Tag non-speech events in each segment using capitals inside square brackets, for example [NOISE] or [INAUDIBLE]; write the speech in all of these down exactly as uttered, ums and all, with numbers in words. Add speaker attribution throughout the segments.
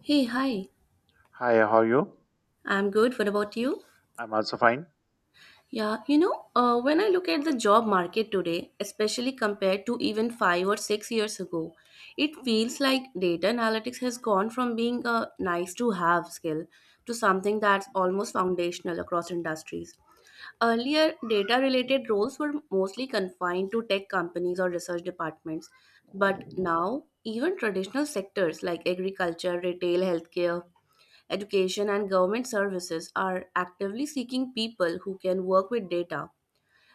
Speaker 1: Hey, hi.
Speaker 2: Hi, how are you?
Speaker 1: I'm good. What about you?
Speaker 2: I'm also fine.
Speaker 1: Yeah, you know, uh, when I look at the job market today, especially compared to even five or six years ago, it feels like data analytics has gone from being a nice to have skill to something that's almost foundational across industries. Earlier, data related roles were mostly confined to tech companies or research departments, but now, even traditional sectors like agriculture, retail, healthcare, education and government services are actively seeking people who can work with data.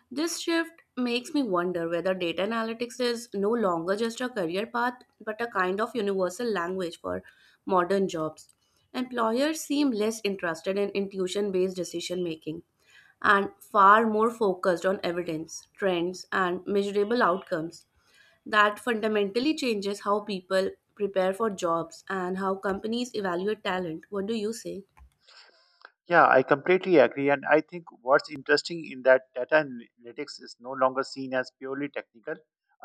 Speaker 1: This shift makes me wonder whether data analytics is no longer just a career path but a kind of universal language for modern jobs. Employers seem less interested in intuition based decision making and far more focused on evidence, trends, and measurable outcomes. That fundamentally changes how people prepare for jobs and how companies evaluate talent. What do you say?
Speaker 2: Yeah, I completely agree. And I think what's interesting in that data analytics is no longer seen as purely technical.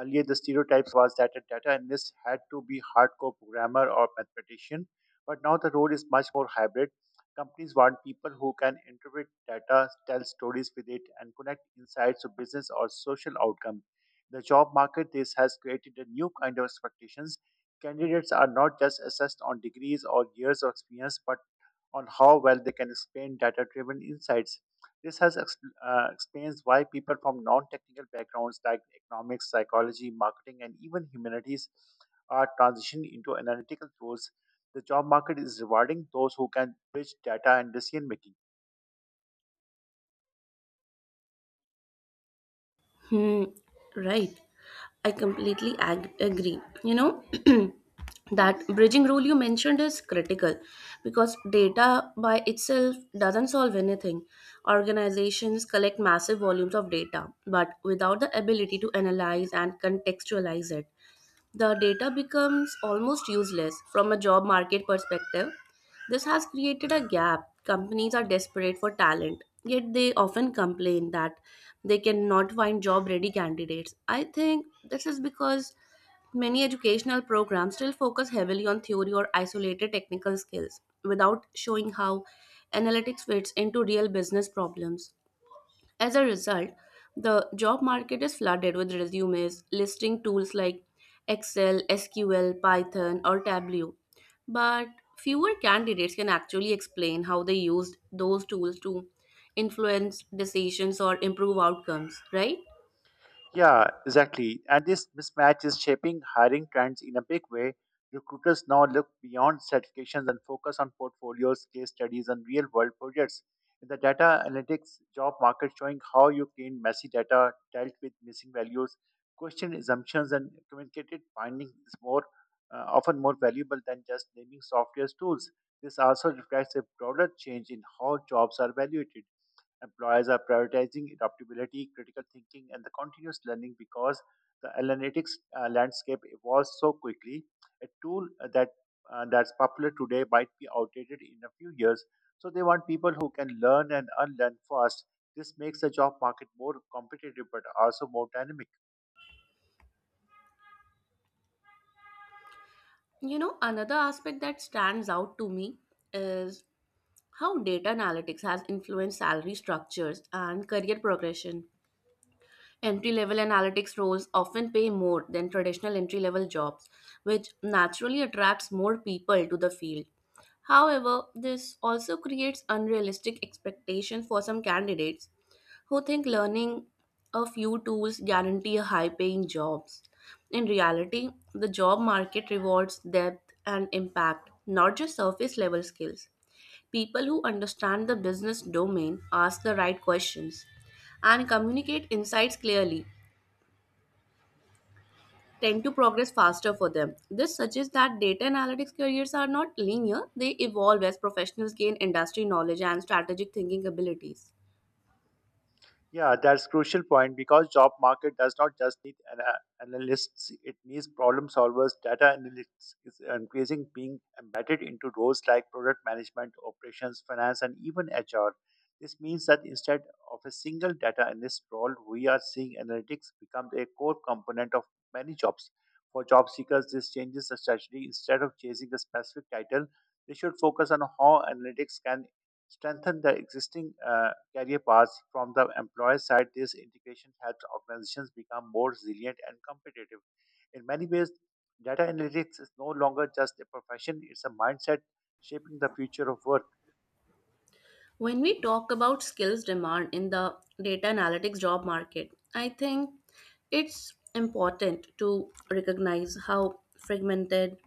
Speaker 2: Earlier, the stereotype was that a data analyst had to be hardcore programmer or mathematician, but now the role is much more hybrid. Companies want people who can interpret data, tell stories with it, and connect insights to business or social outcome. The job market this has created a new kind of expectations. Candidates are not just assessed on degrees or years of experience, but on how well they can explain data driven insights. This has ex- uh, explains why people from non technical backgrounds like economics, psychology, marketing, and even humanities are transitioning into analytical roles. The job market is rewarding those who can bridge data and decision making.
Speaker 1: Hmm, right. I completely ag- agree. You know, [CLEARS THROAT] that bridging rule you mentioned is critical because data by itself doesn't solve anything. Organizations collect massive volumes of data, but without the ability to analyze and contextualize it, the data becomes almost useless from a job market perspective. This has created a gap. Companies are desperate for talent, yet they often complain that they cannot find job ready candidates. I think this is because many educational programs still focus heavily on theory or isolated technical skills without showing how analytics fits into real business problems. As a result, the job market is flooded with resumes listing tools like Excel, S Q L, Python, or Tableau. But fewer candidates can actually explain how they used those tools to influence decisions or improve outcomes, right?
Speaker 2: Yeah, exactly. And this mismatch is shaping hiring trends in a big way. Recruiters now look beyond certifications and focus on portfolios, case studies, and real world projects. In the data analytics job market, showing how you clean messy data, dealt with missing values, questioned assumptions, and communicated findings is more uh, often more valuable than just naming software tools. This also reflects a broader change in how jobs are evaluated. Employers are prioritizing adaptability, critical thinking, and the continuous learning because the analytics uh, landscape evolves so quickly. A tool uh, that uh, that's popular today might be outdated in a few years. So they want people who can learn and unlearn fast. This makes the job market more competitive but also more dynamic.
Speaker 1: You know, another aspect that stands out to me is how data analytics has influenced salary structures and career progression. Entry level analytics roles often pay more than traditional entry level jobs, which naturally attracts more people to the field. However, this also creates unrealistic expectations for some candidates who think learning a few tools guarantee a high paying jobs. In reality, the job market rewards depth and impact, not just surface level skills. People who understand the business domain, ask the right questions, and communicate insights clearly tend to progress faster for them. This suggests that data analytics careers are not linear, they evolve as professionals gain industry knowledge and strategic thinking abilities.
Speaker 2: Yeah, that's crucial point because job market does not just need an, uh, analysts; it needs problem solvers. Data analytics is increasing being embedded into roles like product management, operations, finance, and even H R. This means that instead of a single data analyst role, we are seeing analytics become a core component of many jobs. For job seekers, this changes the strategy. Instead of chasing a specific title, they should focus on how analytics can strengthen the existing uh, career paths. From the employer side, this integration helps organizations become more resilient and competitive. In many ways, data analytics is no longer just a profession, it's a mindset shaping the future of work.
Speaker 1: When we talk about skills demand in the data analytics job market, I think it's important to recognize how fragmented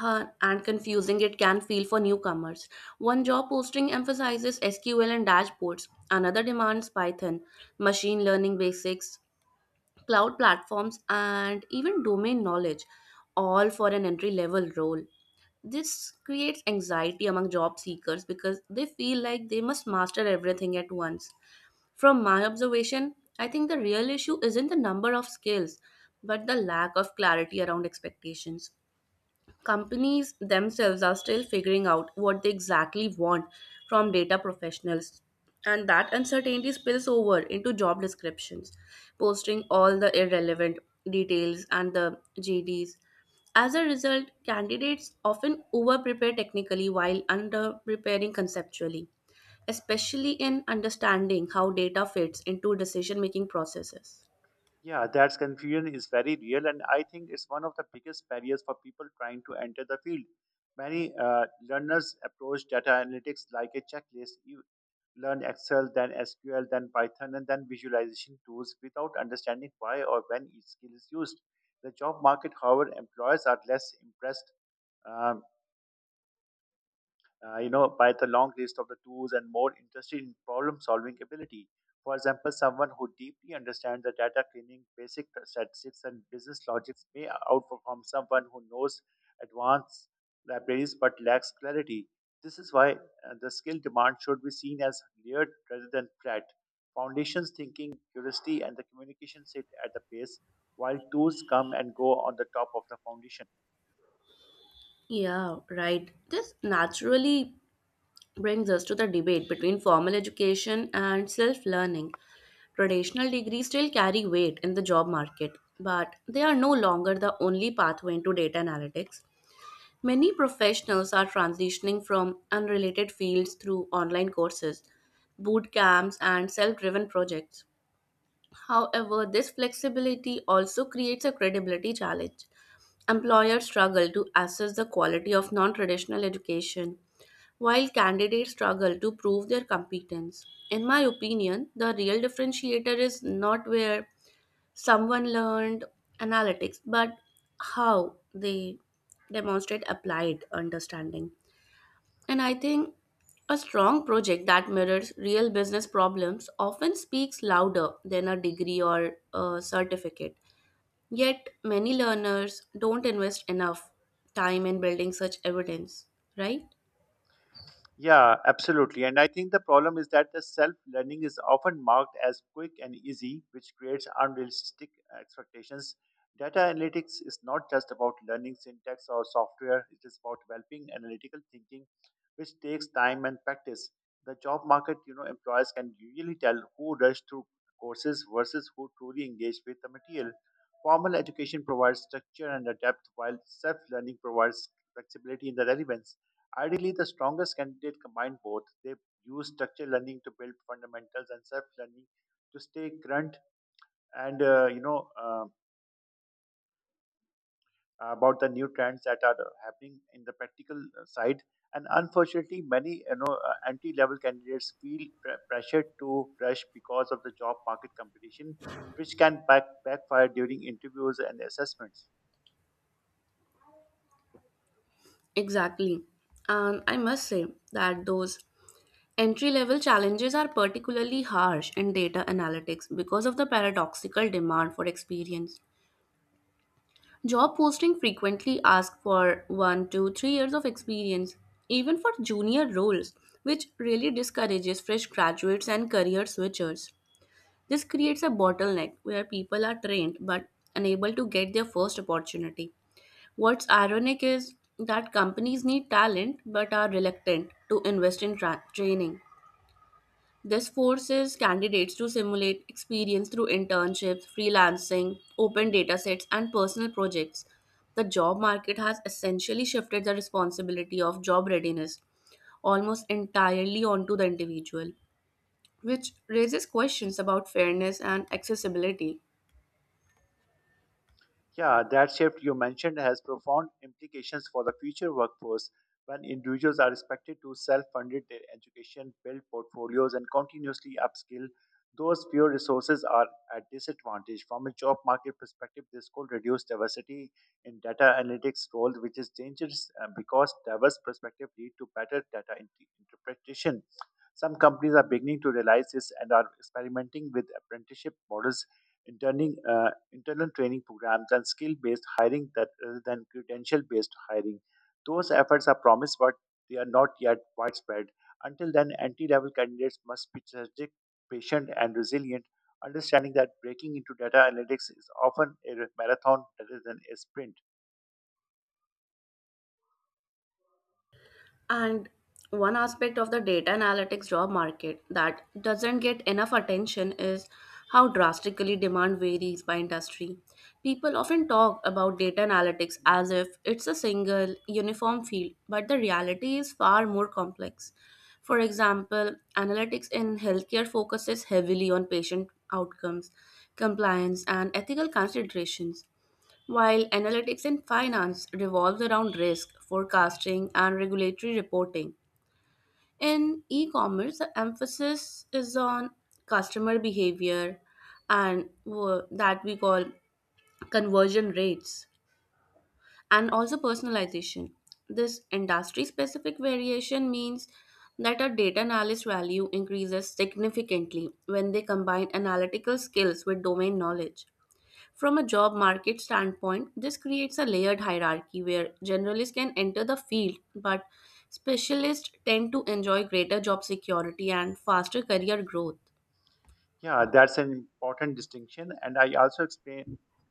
Speaker 1: uh, and confusing it can feel for newcomers. One job posting emphasizes S Q L and dashboards, another demands Python, machine learning basics, cloud platforms, and even domain knowledge, all for an entry level role. This creates anxiety among job seekers because they feel like they must master everything at once. From my observation, I think the real issue isn't the number of skills, but the lack of clarity around expectations. Companies themselves are still figuring out what they exactly want from data professionals, and that uncertainty spills over into job descriptions, posting all the irrelevant details and the G Ds. As a result, candidates often overprepare technically while underpreparing conceptually, especially in understanding how data fits into decision making processes.
Speaker 2: Yeah, that confusion is very real, and I think it's one of the biggest barriers for people trying to enter the field. Many uh, learners approach data analytics like a checklist. You learn Excel, then S Q L, then Python, and then visualization tools without understanding why or when each skill is used. The job market, however, employers are less impressed. Um, uh, you know, by the long list of the tools and more interested in problem solving ability. For example, someone who deeply understands the data cleaning, basic statistics, and business logics may outperform someone who knows advanced libraries but lacks clarity. This is why uh, the skill demand should be seen as layered rather than flat. Foundations thinking, curiosity, and the communication sit at the base, while tools come and go on the top of the foundation.
Speaker 1: Yeah, right. This naturally brings us to the debate between formal education and self learning. Traditional degrees still carry weight in the job market, but they are no longer the only pathway into data analytics. Many professionals are transitioning from unrelated fields through online courses, boot camps, and self driven projects. However, this flexibility also creates a credibility challenge. Employers struggle to assess the quality of non traditional education while candidates struggle to prove their competence. In my opinion, the real differentiator is not where someone learned analytics, but how they demonstrate applied understanding. And I think a strong project that mirrors real business problems often speaks louder than a degree or a certificate. Yet, many learners don't invest enough time in building such evidence, right?
Speaker 2: Yeah, absolutely. And I think the problem is that the self learning is often marked as quick and easy, which creates unrealistic expectations. Data analytics is not just about learning syntax or software, it is about developing analytical thinking, which takes time and practice. The job market, you know, employers can usually tell who rush through courses versus who truly engage with the material. Formal education provides structure and a depth, while self learning provides flexibility in the relevance. Ideally, the strongest candidate combine both. They use structured learning to build fundamentals and self-learning to stay current and uh, you know uh, about the new trends that are happening in the practical uh, side. And unfortunately, many you know uh, entry-level candidates feel pre- pressured to rush because of the job market competition, which can back- backfire during interviews and assessments.
Speaker 1: Exactly. And I must say that those entry level challenges are particularly harsh in data analytics because of the paradoxical demand for experience. Job posting frequently ask for one to three years of experience, even for junior roles, which really discourages fresh graduates and career switchers. This creates a bottleneck where people are trained but unable to get their first opportunity. What's ironic is that companies need talent but are reluctant to invest in tra- training. This forces candidates to simulate experience through internships, freelancing, open datasets, and personal projects. The job market has essentially shifted the responsibility of job readiness almost entirely onto the individual, which raises questions about fairness and accessibility.
Speaker 2: Yeah, that shift you mentioned has profound implications for the future workforce when individuals are expected to self fund their education, build portfolios, and continuously upskill. Those fewer resources are at disadvantage. From a job market perspective, this could reduce diversity in data analytics role, which is dangerous uh, because diverse perspectives lead to better data int- interpretation. Some companies are beginning to realize this and are experimenting with apprenticeship models interning, uh, internal training programs, and skill based hiring that rather than credential based hiring. Those efforts are promised, but they are not yet widespread. Until then, entry level candidates must be strategic, patient, and resilient, understanding that breaking into data analytics is often a marathon rather than a sprint.
Speaker 1: And one aspect of the data analytics job market that doesn't get enough attention is how drastically demand varies by industry. People often talk about data analytics as if it's a single, uniform field, but the reality is far more complex. For example, analytics in healthcare focuses heavily on patient outcomes, compliance, and ethical considerations, while analytics in finance revolves around risk, forecasting, and regulatory reporting. In e commerce, the emphasis is on customer behavior and wo- that we call conversion rates and also personalization. This industry specific variation means that a data analyst value increases significantly when they combine analytical skills with domain knowledge. From a job market standpoint, this creates a layered hierarchy where generalists can enter the field, but specialists tend to enjoy greater job security and faster career growth.
Speaker 2: Yeah, that's an important distinction. And I also explain,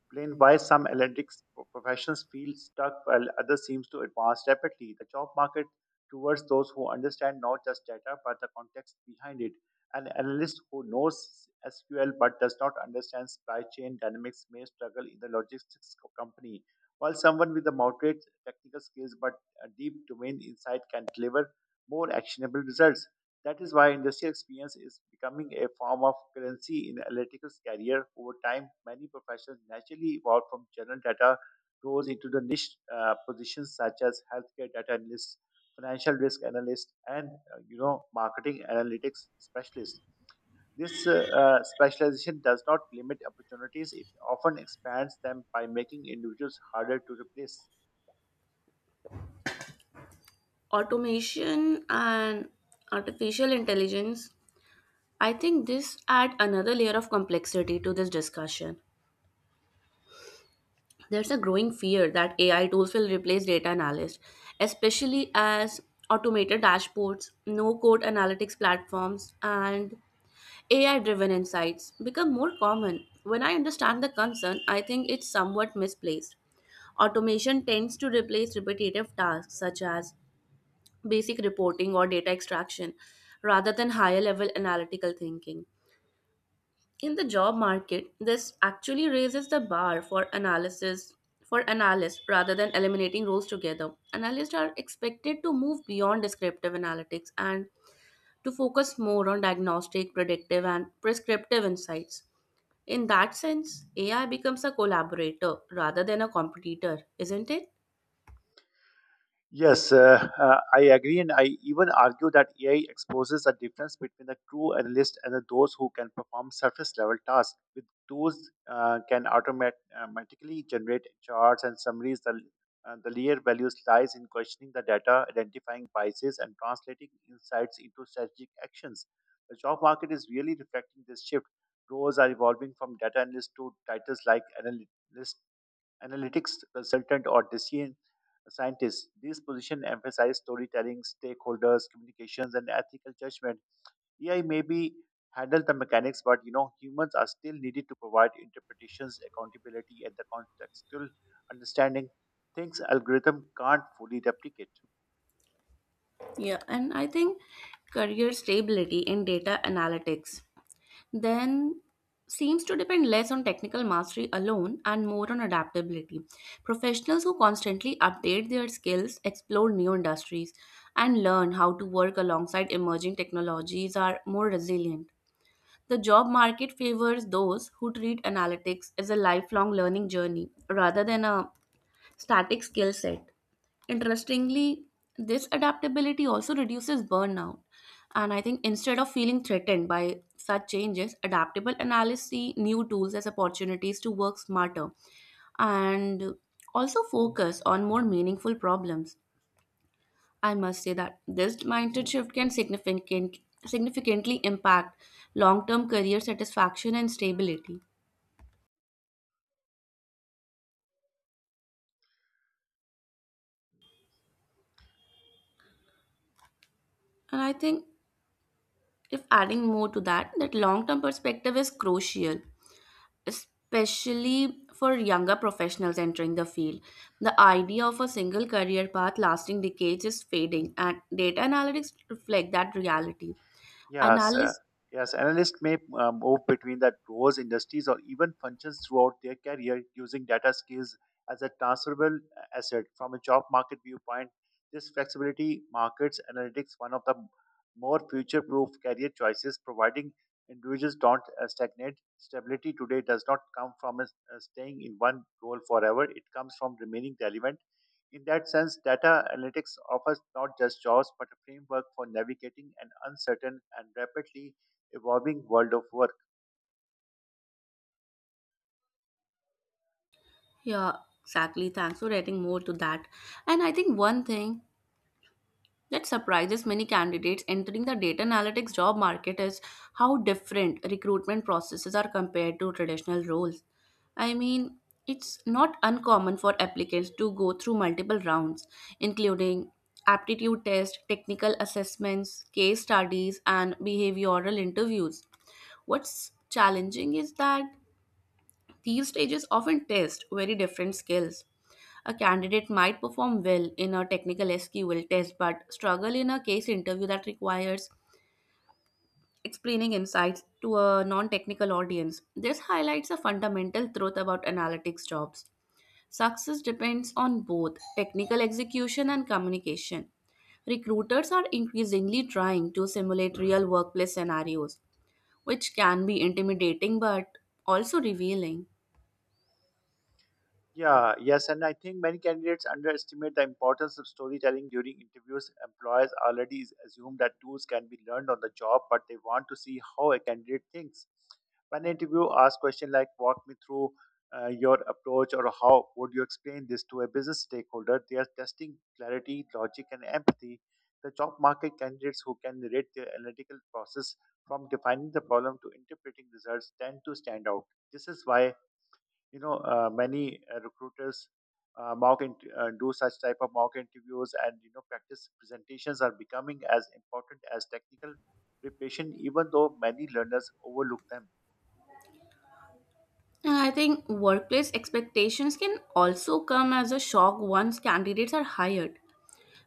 Speaker 2: explain why some allergic professions feel stuck while others seems to advance rapidly. The job market towards those who understand not just data but the context behind it. An analyst who knows S Q L but does not understand supply chain dynamics may struggle in the logistics co- company, while someone with the moderate technical skills but a deep domain insight can deliver more actionable results. That is why industrial experience is becoming a form of currency in analytics career. Over time, many professions naturally evolve from general data roles into the niche uh, positions such as healthcare data analysts, financial risk analysts, and uh, you know marketing analytics specialists. This uh, uh, specialization does not limit opportunities; it often expands them by making individuals harder to replace.
Speaker 1: Automation and artificial intelligence, I think this add another layer of complexity to this discussion. There's a growing fear that A I tools will replace data analysts, especially as automated dashboards, no code analytics platforms, and A I driven insights become more common. When I understand the concern, I think it's somewhat misplaced. Automation tends to replace repetitive tasks such as basic reporting or data extraction rather than higher level analytical thinking. In the job market, this actually raises the bar for analysis for analysts rather than eliminating roles together. Analysts are expected to move beyond descriptive analytics and to focus more on diagnostic, predictive, and prescriptive insights. In that sense, A I becomes a collaborator rather than a competitor, isn't it?
Speaker 2: Yes, uh, uh, I agree, and I even argue that A I exposes the difference between the true analyst and the, those who can perform surface level tasks. With tools uh, can automat- automatically generate charts and summaries. The, uh, the layer values lies in questioning the data, identifying biases, and translating insights into strategic actions. The job market is really reflecting this shift. Roles are evolving from data analyst to titles like analyst analytics consultant, or decision scientist. These positions emphasize storytelling, stakeholders, communications, and ethical judgment. A I may be handle the mechanics, but you know humans are still needed to provide interpretations, accountability, and the contextual understanding. Things algorithm can't fully replicate.
Speaker 1: Yeah, and I think career stability in data analytics then seems to depend less on technical mastery alone and more on adaptability. Professionals who constantly update their skills, explore new industries, and learn how to work alongside emerging technologies are more resilient. The job market favors those who treat analytics as a lifelong learning journey rather than a static skill set. Interestingly, this adaptability also reduces burnout. And I think instead of feeling threatened by such changes, adaptable analysts see new tools as opportunities to work smarter and also focus on more meaningful problems. I must say that this mindset shift can significant, significantly impact long term career satisfaction and stability. And I think if adding more to that, that long term perspective is crucial especially for younger professionals entering the field. The idea of a single career path lasting decades is fading, and data analytics reflect that reality.
Speaker 2: Yes, uh,
Speaker 1: Analysts,
Speaker 2: yes. Analysts may uh, move between the roles, industries, or even functions throughout their career using data skills as a transferable asset. From a job market viewpoint, this flexibility markets analytics one of the more future-proof career choices, providing individuals don't uh, stagnate. Stability today does not come from uh, staying in one role forever. It comes from remaining relevant in that sense, data analytics offers not just jobs but a framework for navigating an uncertain and rapidly evolving world of work.
Speaker 1: yeah, exactly. Thanks for adding more to that. And I think one thing that surprises many candidates entering the data analytics job market is how different recruitment processes are compared to traditional roles. I mean, it's not uncommon for applicants to go through multiple rounds, including aptitude tests, technical assessments, case studies, and behavioral interviews. What's challenging is that these stages often test very different skills. A candidate might perform well in a technical S Q L test but struggle in a case interview that requires explaining insights to a non technical audience. This highlights a fundamental truth about analytics jobs. Success depends on both technical execution and communication. Recruiters are increasingly trying to simulate real workplace scenarios, which can be intimidating but also revealing.
Speaker 2: Yeah, yes, and I think many candidates underestimate the importance of storytelling during interviews. Employers already is- assume that tools can be learned on the job, but they want to see how a candidate thinks. When an interview asks questions like "Walk me through uh, your approach" or "How would you explain this to a business stakeholder," they are testing clarity, logic, and empathy. The job market candidates who can narrate their analytical process from defining the problem to interpreting results tend to stand out. This is why you know uh, many uh, recruiters uh, mock and uh, do such type of mock interviews and you know practice presentations are becoming as important as technical preparation even though many learners overlook them.
Speaker 1: And I think workplace expectations can also come as a shock once candidates are hired.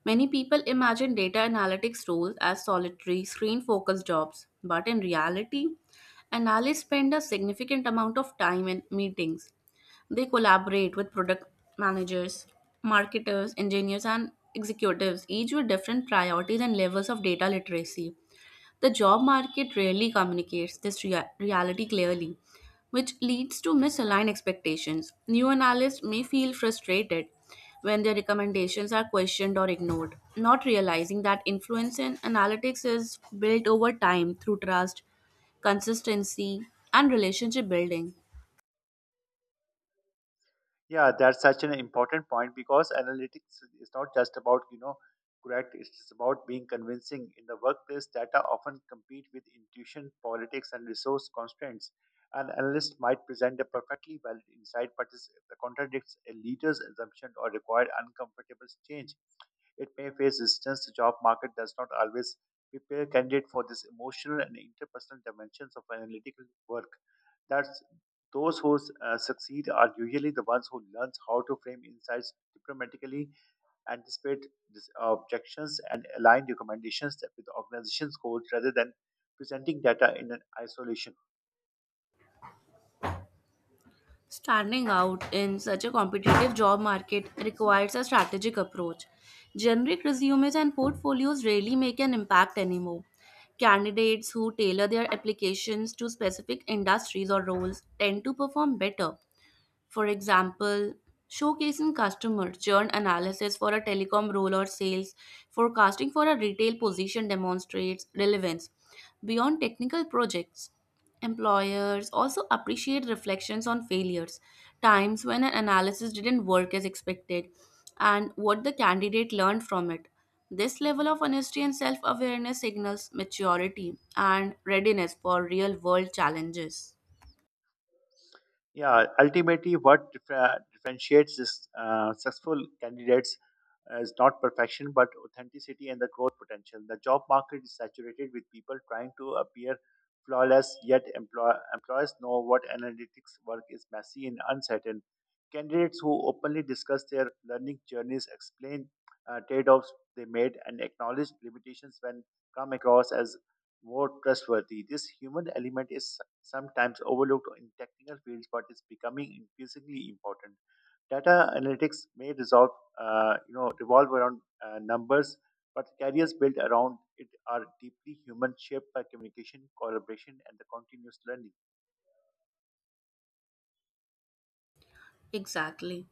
Speaker 1: Many people imagine data analytics roles as solitary, screen focused jobs, but in reality, analysts spend a significant amount of time in meetings. They collaborate with product managers, marketers, engineers, and executives, each with different priorities and levels of data literacy. The job market rarely communicates this rea- reality clearly, which leads to misaligned expectations. New analysts may feel frustrated when their recommendations are questioned or ignored, not realizing that influence in analytics is built over time through trust, consistency, and relationship building.
Speaker 2: Yeah, that's such an important point because analytics is not just about, you know, correct, it's about being convincing. In the workplace, data often compete with intuition, politics, and resource constraints. An analyst might present a perfectly valid insight, but it contradicts a leader's assumption or require uncomfortable change it may face resistance. The job market does not always prepare candidates for this emotional and interpersonal dimensions of analytical work. That's those who uh, succeed are usually the ones who learns how to frame insights diplomatically, anticipate dis- uh, objections, and align recommendations with the organization's goals rather than presenting data in an isolation.
Speaker 1: Standing out in such a competitive job market requires a strategic approach. Generic resumes and portfolios rarely make an impact anymore. Candidates who tailor their applications to specific industries or roles tend to perform better. For example, showcasing customer churn analysis for a telecom role or sales forecasting for a retail position demonstrates relevance. Beyond technical projects, employers also appreciate reflections on failures, times when an analysis didn't work as expected, and what the candidate learned from it. This level of honesty and self awareness signals maturity and readiness for real world challenges.
Speaker 2: Yeah, ultimately, what differ- differentiates this uh, successful candidates is not perfection but authenticity and the growth potential. The job market is saturated with people trying to appear flawless, yet employ- employers know what analytics work is messy and uncertain. Candidates who openly discuss their learning journeys explain uh, trade offs they made and acknowledge limitations when come across as more trustworthy. This human element is sometimes overlooked in technical fields but is becoming increasingly important. Data analytics may resolve, uh, you know, revolve around uh, numbers, but the careers built around it are deeply human, shaped by communication, collaboration, and the continuous learning.
Speaker 1: Exactly.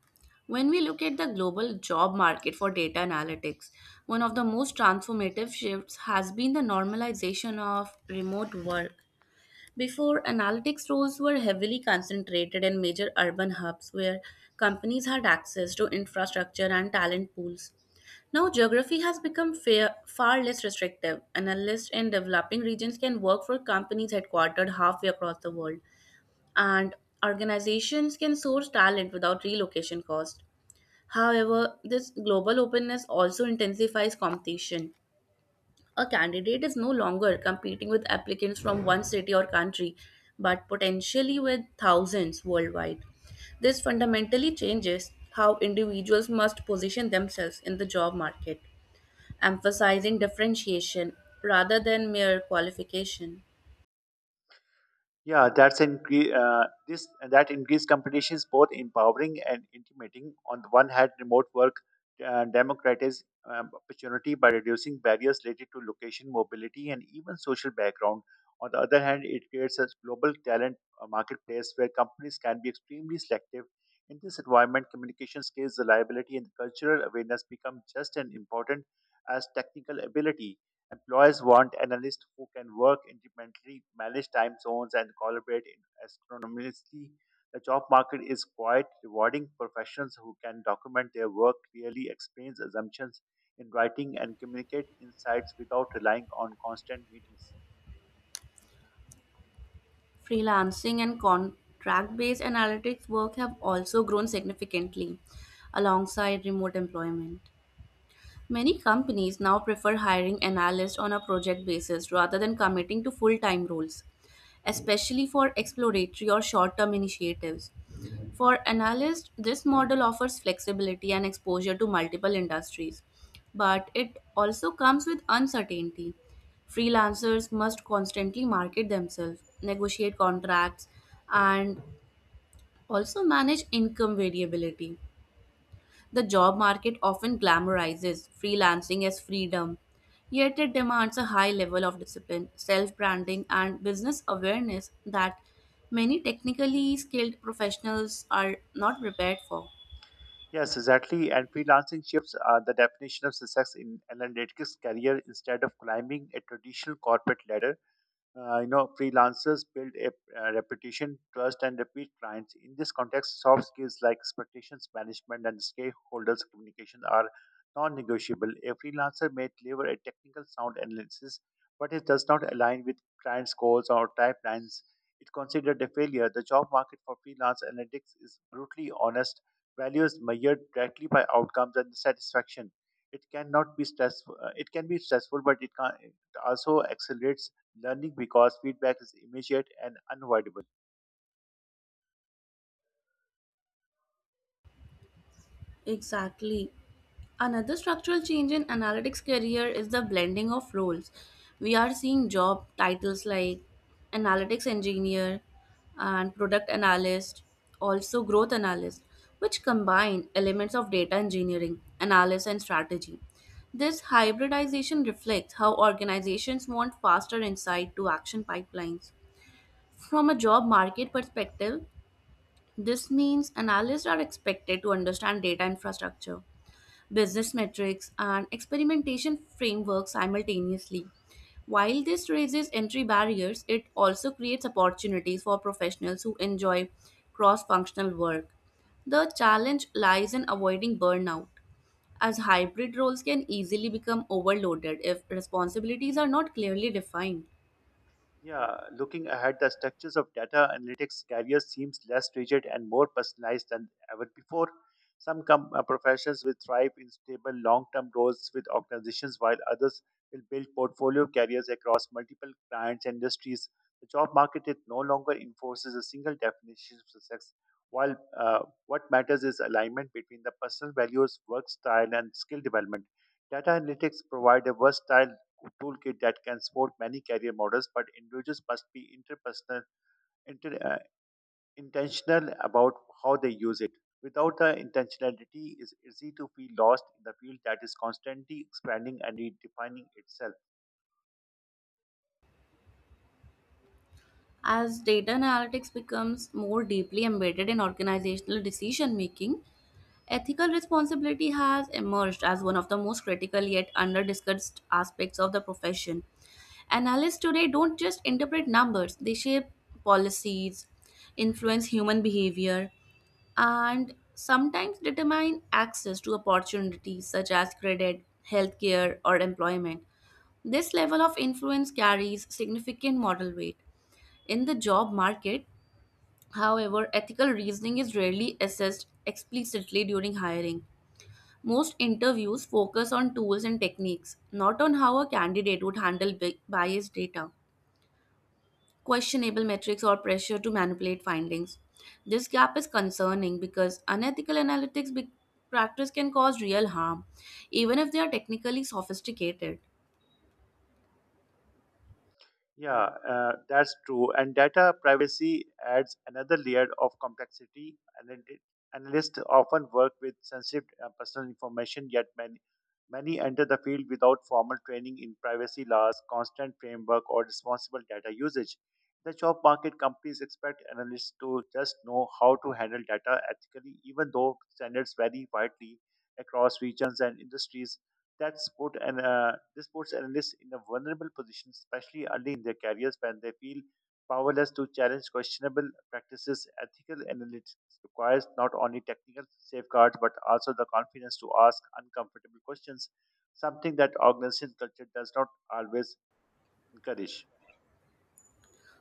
Speaker 1: When we look at the global job market for data analytics, one of the most transformative shifts has been the normalization of remote work. Before, analytics roles were heavily concentrated in major urban hubs where companies had access to infrastructure and talent pools. Now, geography has become fair, far less restrictive. Analysts in developing regions can work for companies headquartered halfway across the world, and organizations can source talent without relocation cost. However, this global openness also intensifies competition. A candidate is no longer competing with applicants from one city or country, but potentially with thousands worldwide. This fundamentally changes how individuals must position themselves in the job market, emphasizing differentiation rather than mere qualification.
Speaker 2: Yeah, that's incre- uh, this that increased competition is both empowering and intimidating. On the one hand, remote work uh, democratizes um, opportunity by reducing barriers related to location, mobility, and even social background. On the other hand, it creates a global talent uh, marketplace where companies can be extremely selective. In this environment, communication skills, reliability, and cultural awareness become just as important as technical ability. Employers want analysts who can work independently, manage time zones, and collaborate in astronomically. The job market is quite rewarding. Professionals who can document their work clearly, explain assumptions in writing, and communicate insights without relying on constant meetings.
Speaker 1: Freelancing and contract based analytics work have also grown significantly alongside remote employment. Many companies now prefer hiring analysts on a project basis rather than committing to full time roles, especially for exploratory or short term initiatives. For analysts, this model offers flexibility and exposure to multiple industries, but it also comes with uncertainty. Freelancers must constantly market themselves, negotiate contracts, and also manage income variability. The job market often glamorizes freelancing as freedom, yet it demands a high level of discipline, self branding, and business awareness that many technically skilled professionals are not prepared for.
Speaker 2: Yes, exactly. And freelancing shifts are the definition of success in analytics career instead of climbing a traditional corporate ladder. Uh, you know, freelancers build a, uh reputation, trust, and repeat clients. In this context, soft skills like expectations management and stakeholders communication are non-negotiable. A freelancer may deliver a technical sound analysis, but it does not align with clients' goals or timelines. It considered a failure. The job market for freelance analytics is brutally honest. Value is measured directly by outcomes and satisfaction. It cannot be stressful. Uh, It can be stressful, but it can it also accelerates learning because feedback is immediate and unavoidable.
Speaker 1: Exactly. Another structural change in analytics career is the blending of roles. We are seeing job titles like analytics engineer and product analyst, also growth analyst, which combine elements of data engineering, analysis, and strategy. This hybridization reflects how organizations want faster insight to action pipelines. From a job market perspective, this means analysts are expected to understand data infrastructure, business metrics, and experimentation frameworks simultaneously. While this raises entry barriers, it also creates opportunities for professionals who enjoy cross functional work. The challenge lies in avoiding burnout, as hybrid roles can easily become overloaded if responsibilities are not clearly defined.
Speaker 2: Yeah, looking ahead, the structures of data analytics careers seems less rigid and more personalized than ever before. Some com- uh, professions will thrive in stable long-term roles with organizations, while others will build portfolio careers across multiple clients and industries. The job market it no longer enforces a single definition of success, while uh, what matters is alignment between the personal values, work style, and skill development. Data analytics provide a versatile toolkit that can support many career models, but individuals must be interpersonal, inter, uh, intentional about how they use it. Without the intentionality, it's easy to feel lost in the field that is constantly expanding and redefining itself.
Speaker 1: As data analytics becomes more deeply embedded in organizational decision making, ethical responsibility has emerged as one of the most critical yet underdiscussed aspects of the profession. Analysts today don't just interpret numbers, they shape policies, influence human behavior, and sometimes determine access to opportunities such as credit, healthcare, or employment. This level of influence carries significant moral weight. In the job market, however, ethical reasoning is rarely assessed explicitly during hiring. Most interviews focus on tools and techniques, not on how a candidate would handle bi- biased data, questionable metrics, or pressure to manipulate findings. This gap is concerning because unethical analytics be- practice can cause real harm, even if they are technically sophisticated.
Speaker 2: Yeah, uh, that's true. And data privacy adds another layer of complexity. And it- it- analysts often work with sensitive uh, personal information, yet many, many enter the field without formal training in privacy laws, constant framework, or responsible data usage. The job market companies expect analysts to just know how to handle data ethically, even though standards vary widely across regions and industries that sport and uh, this puts analysts in a vulnerable position, especially early in their careers when they feel powerless to challenge questionable practices. Ethical analytics requires not only technical safeguards but also the confidence to ask uncomfortable questions, something that organization culture does not always encourage.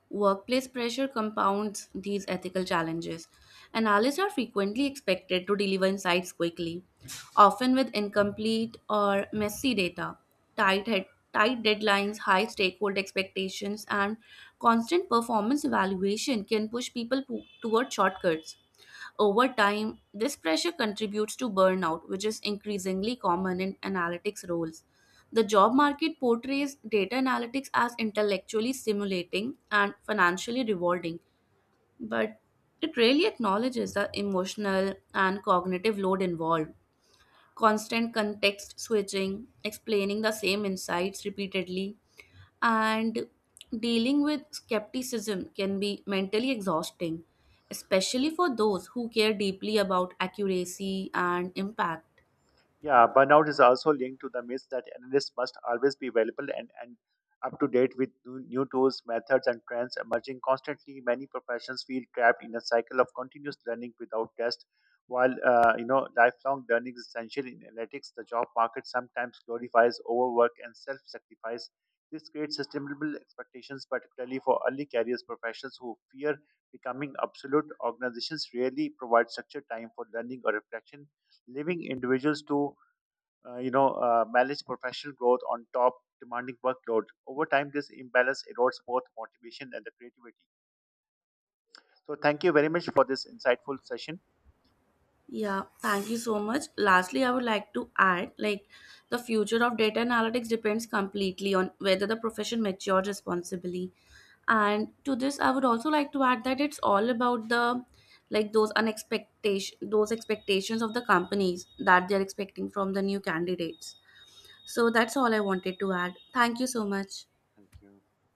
Speaker 1: Workplace pressure compounds these ethical challenges. Analysts are frequently expected to deliver insights quickly, often with incomplete or messy data. Tight, head, Tight deadlines, high stakeholder expectations, and constant performance evaluation can push people po- toward shortcuts. Over time, this pressure contributes to burnout, which is increasingly common in analytics roles. The job market portrays data analytics as intellectually stimulating and financially rewarding, but it rarely acknowledges the emotional and cognitive load involved. Constant context switching, explaining the same insights repeatedly, and dealing with skepticism can be mentally exhausting, especially for those who care deeply about accuracy and impact.
Speaker 2: Yeah, burnout is also linked to the myth that analysts must always be available and, and up to date with new new tools, methods, and trends emerging constantly. Many professions feel trapped in a cycle of continuous learning without rest. While uh, you know lifelong learning is essential in analytics, the job market sometimes glorifies overwork and self-sacrifice. This creates sustainable expectations, particularly for early careers professionals who fear becoming obsolete. Organizations rarely provide structured time for learning or reflection, leaving individuals to uh, you know, uh, manage professional growth on top demanding workload. Over time, this imbalance erodes both motivation and the creativity. So, thank you very much for this insightful session.
Speaker 1: Yeah, thank you so much. Lastly, I would like to add like the future of data analytics depends completely on whether the profession matures responsibly. And to this, I would also like to add that it's all about the like those unexpectation those expectations of the companies that they're expecting from the new candidates. So that's all I wanted to add. Thank you so much.
Speaker 2: Thank you.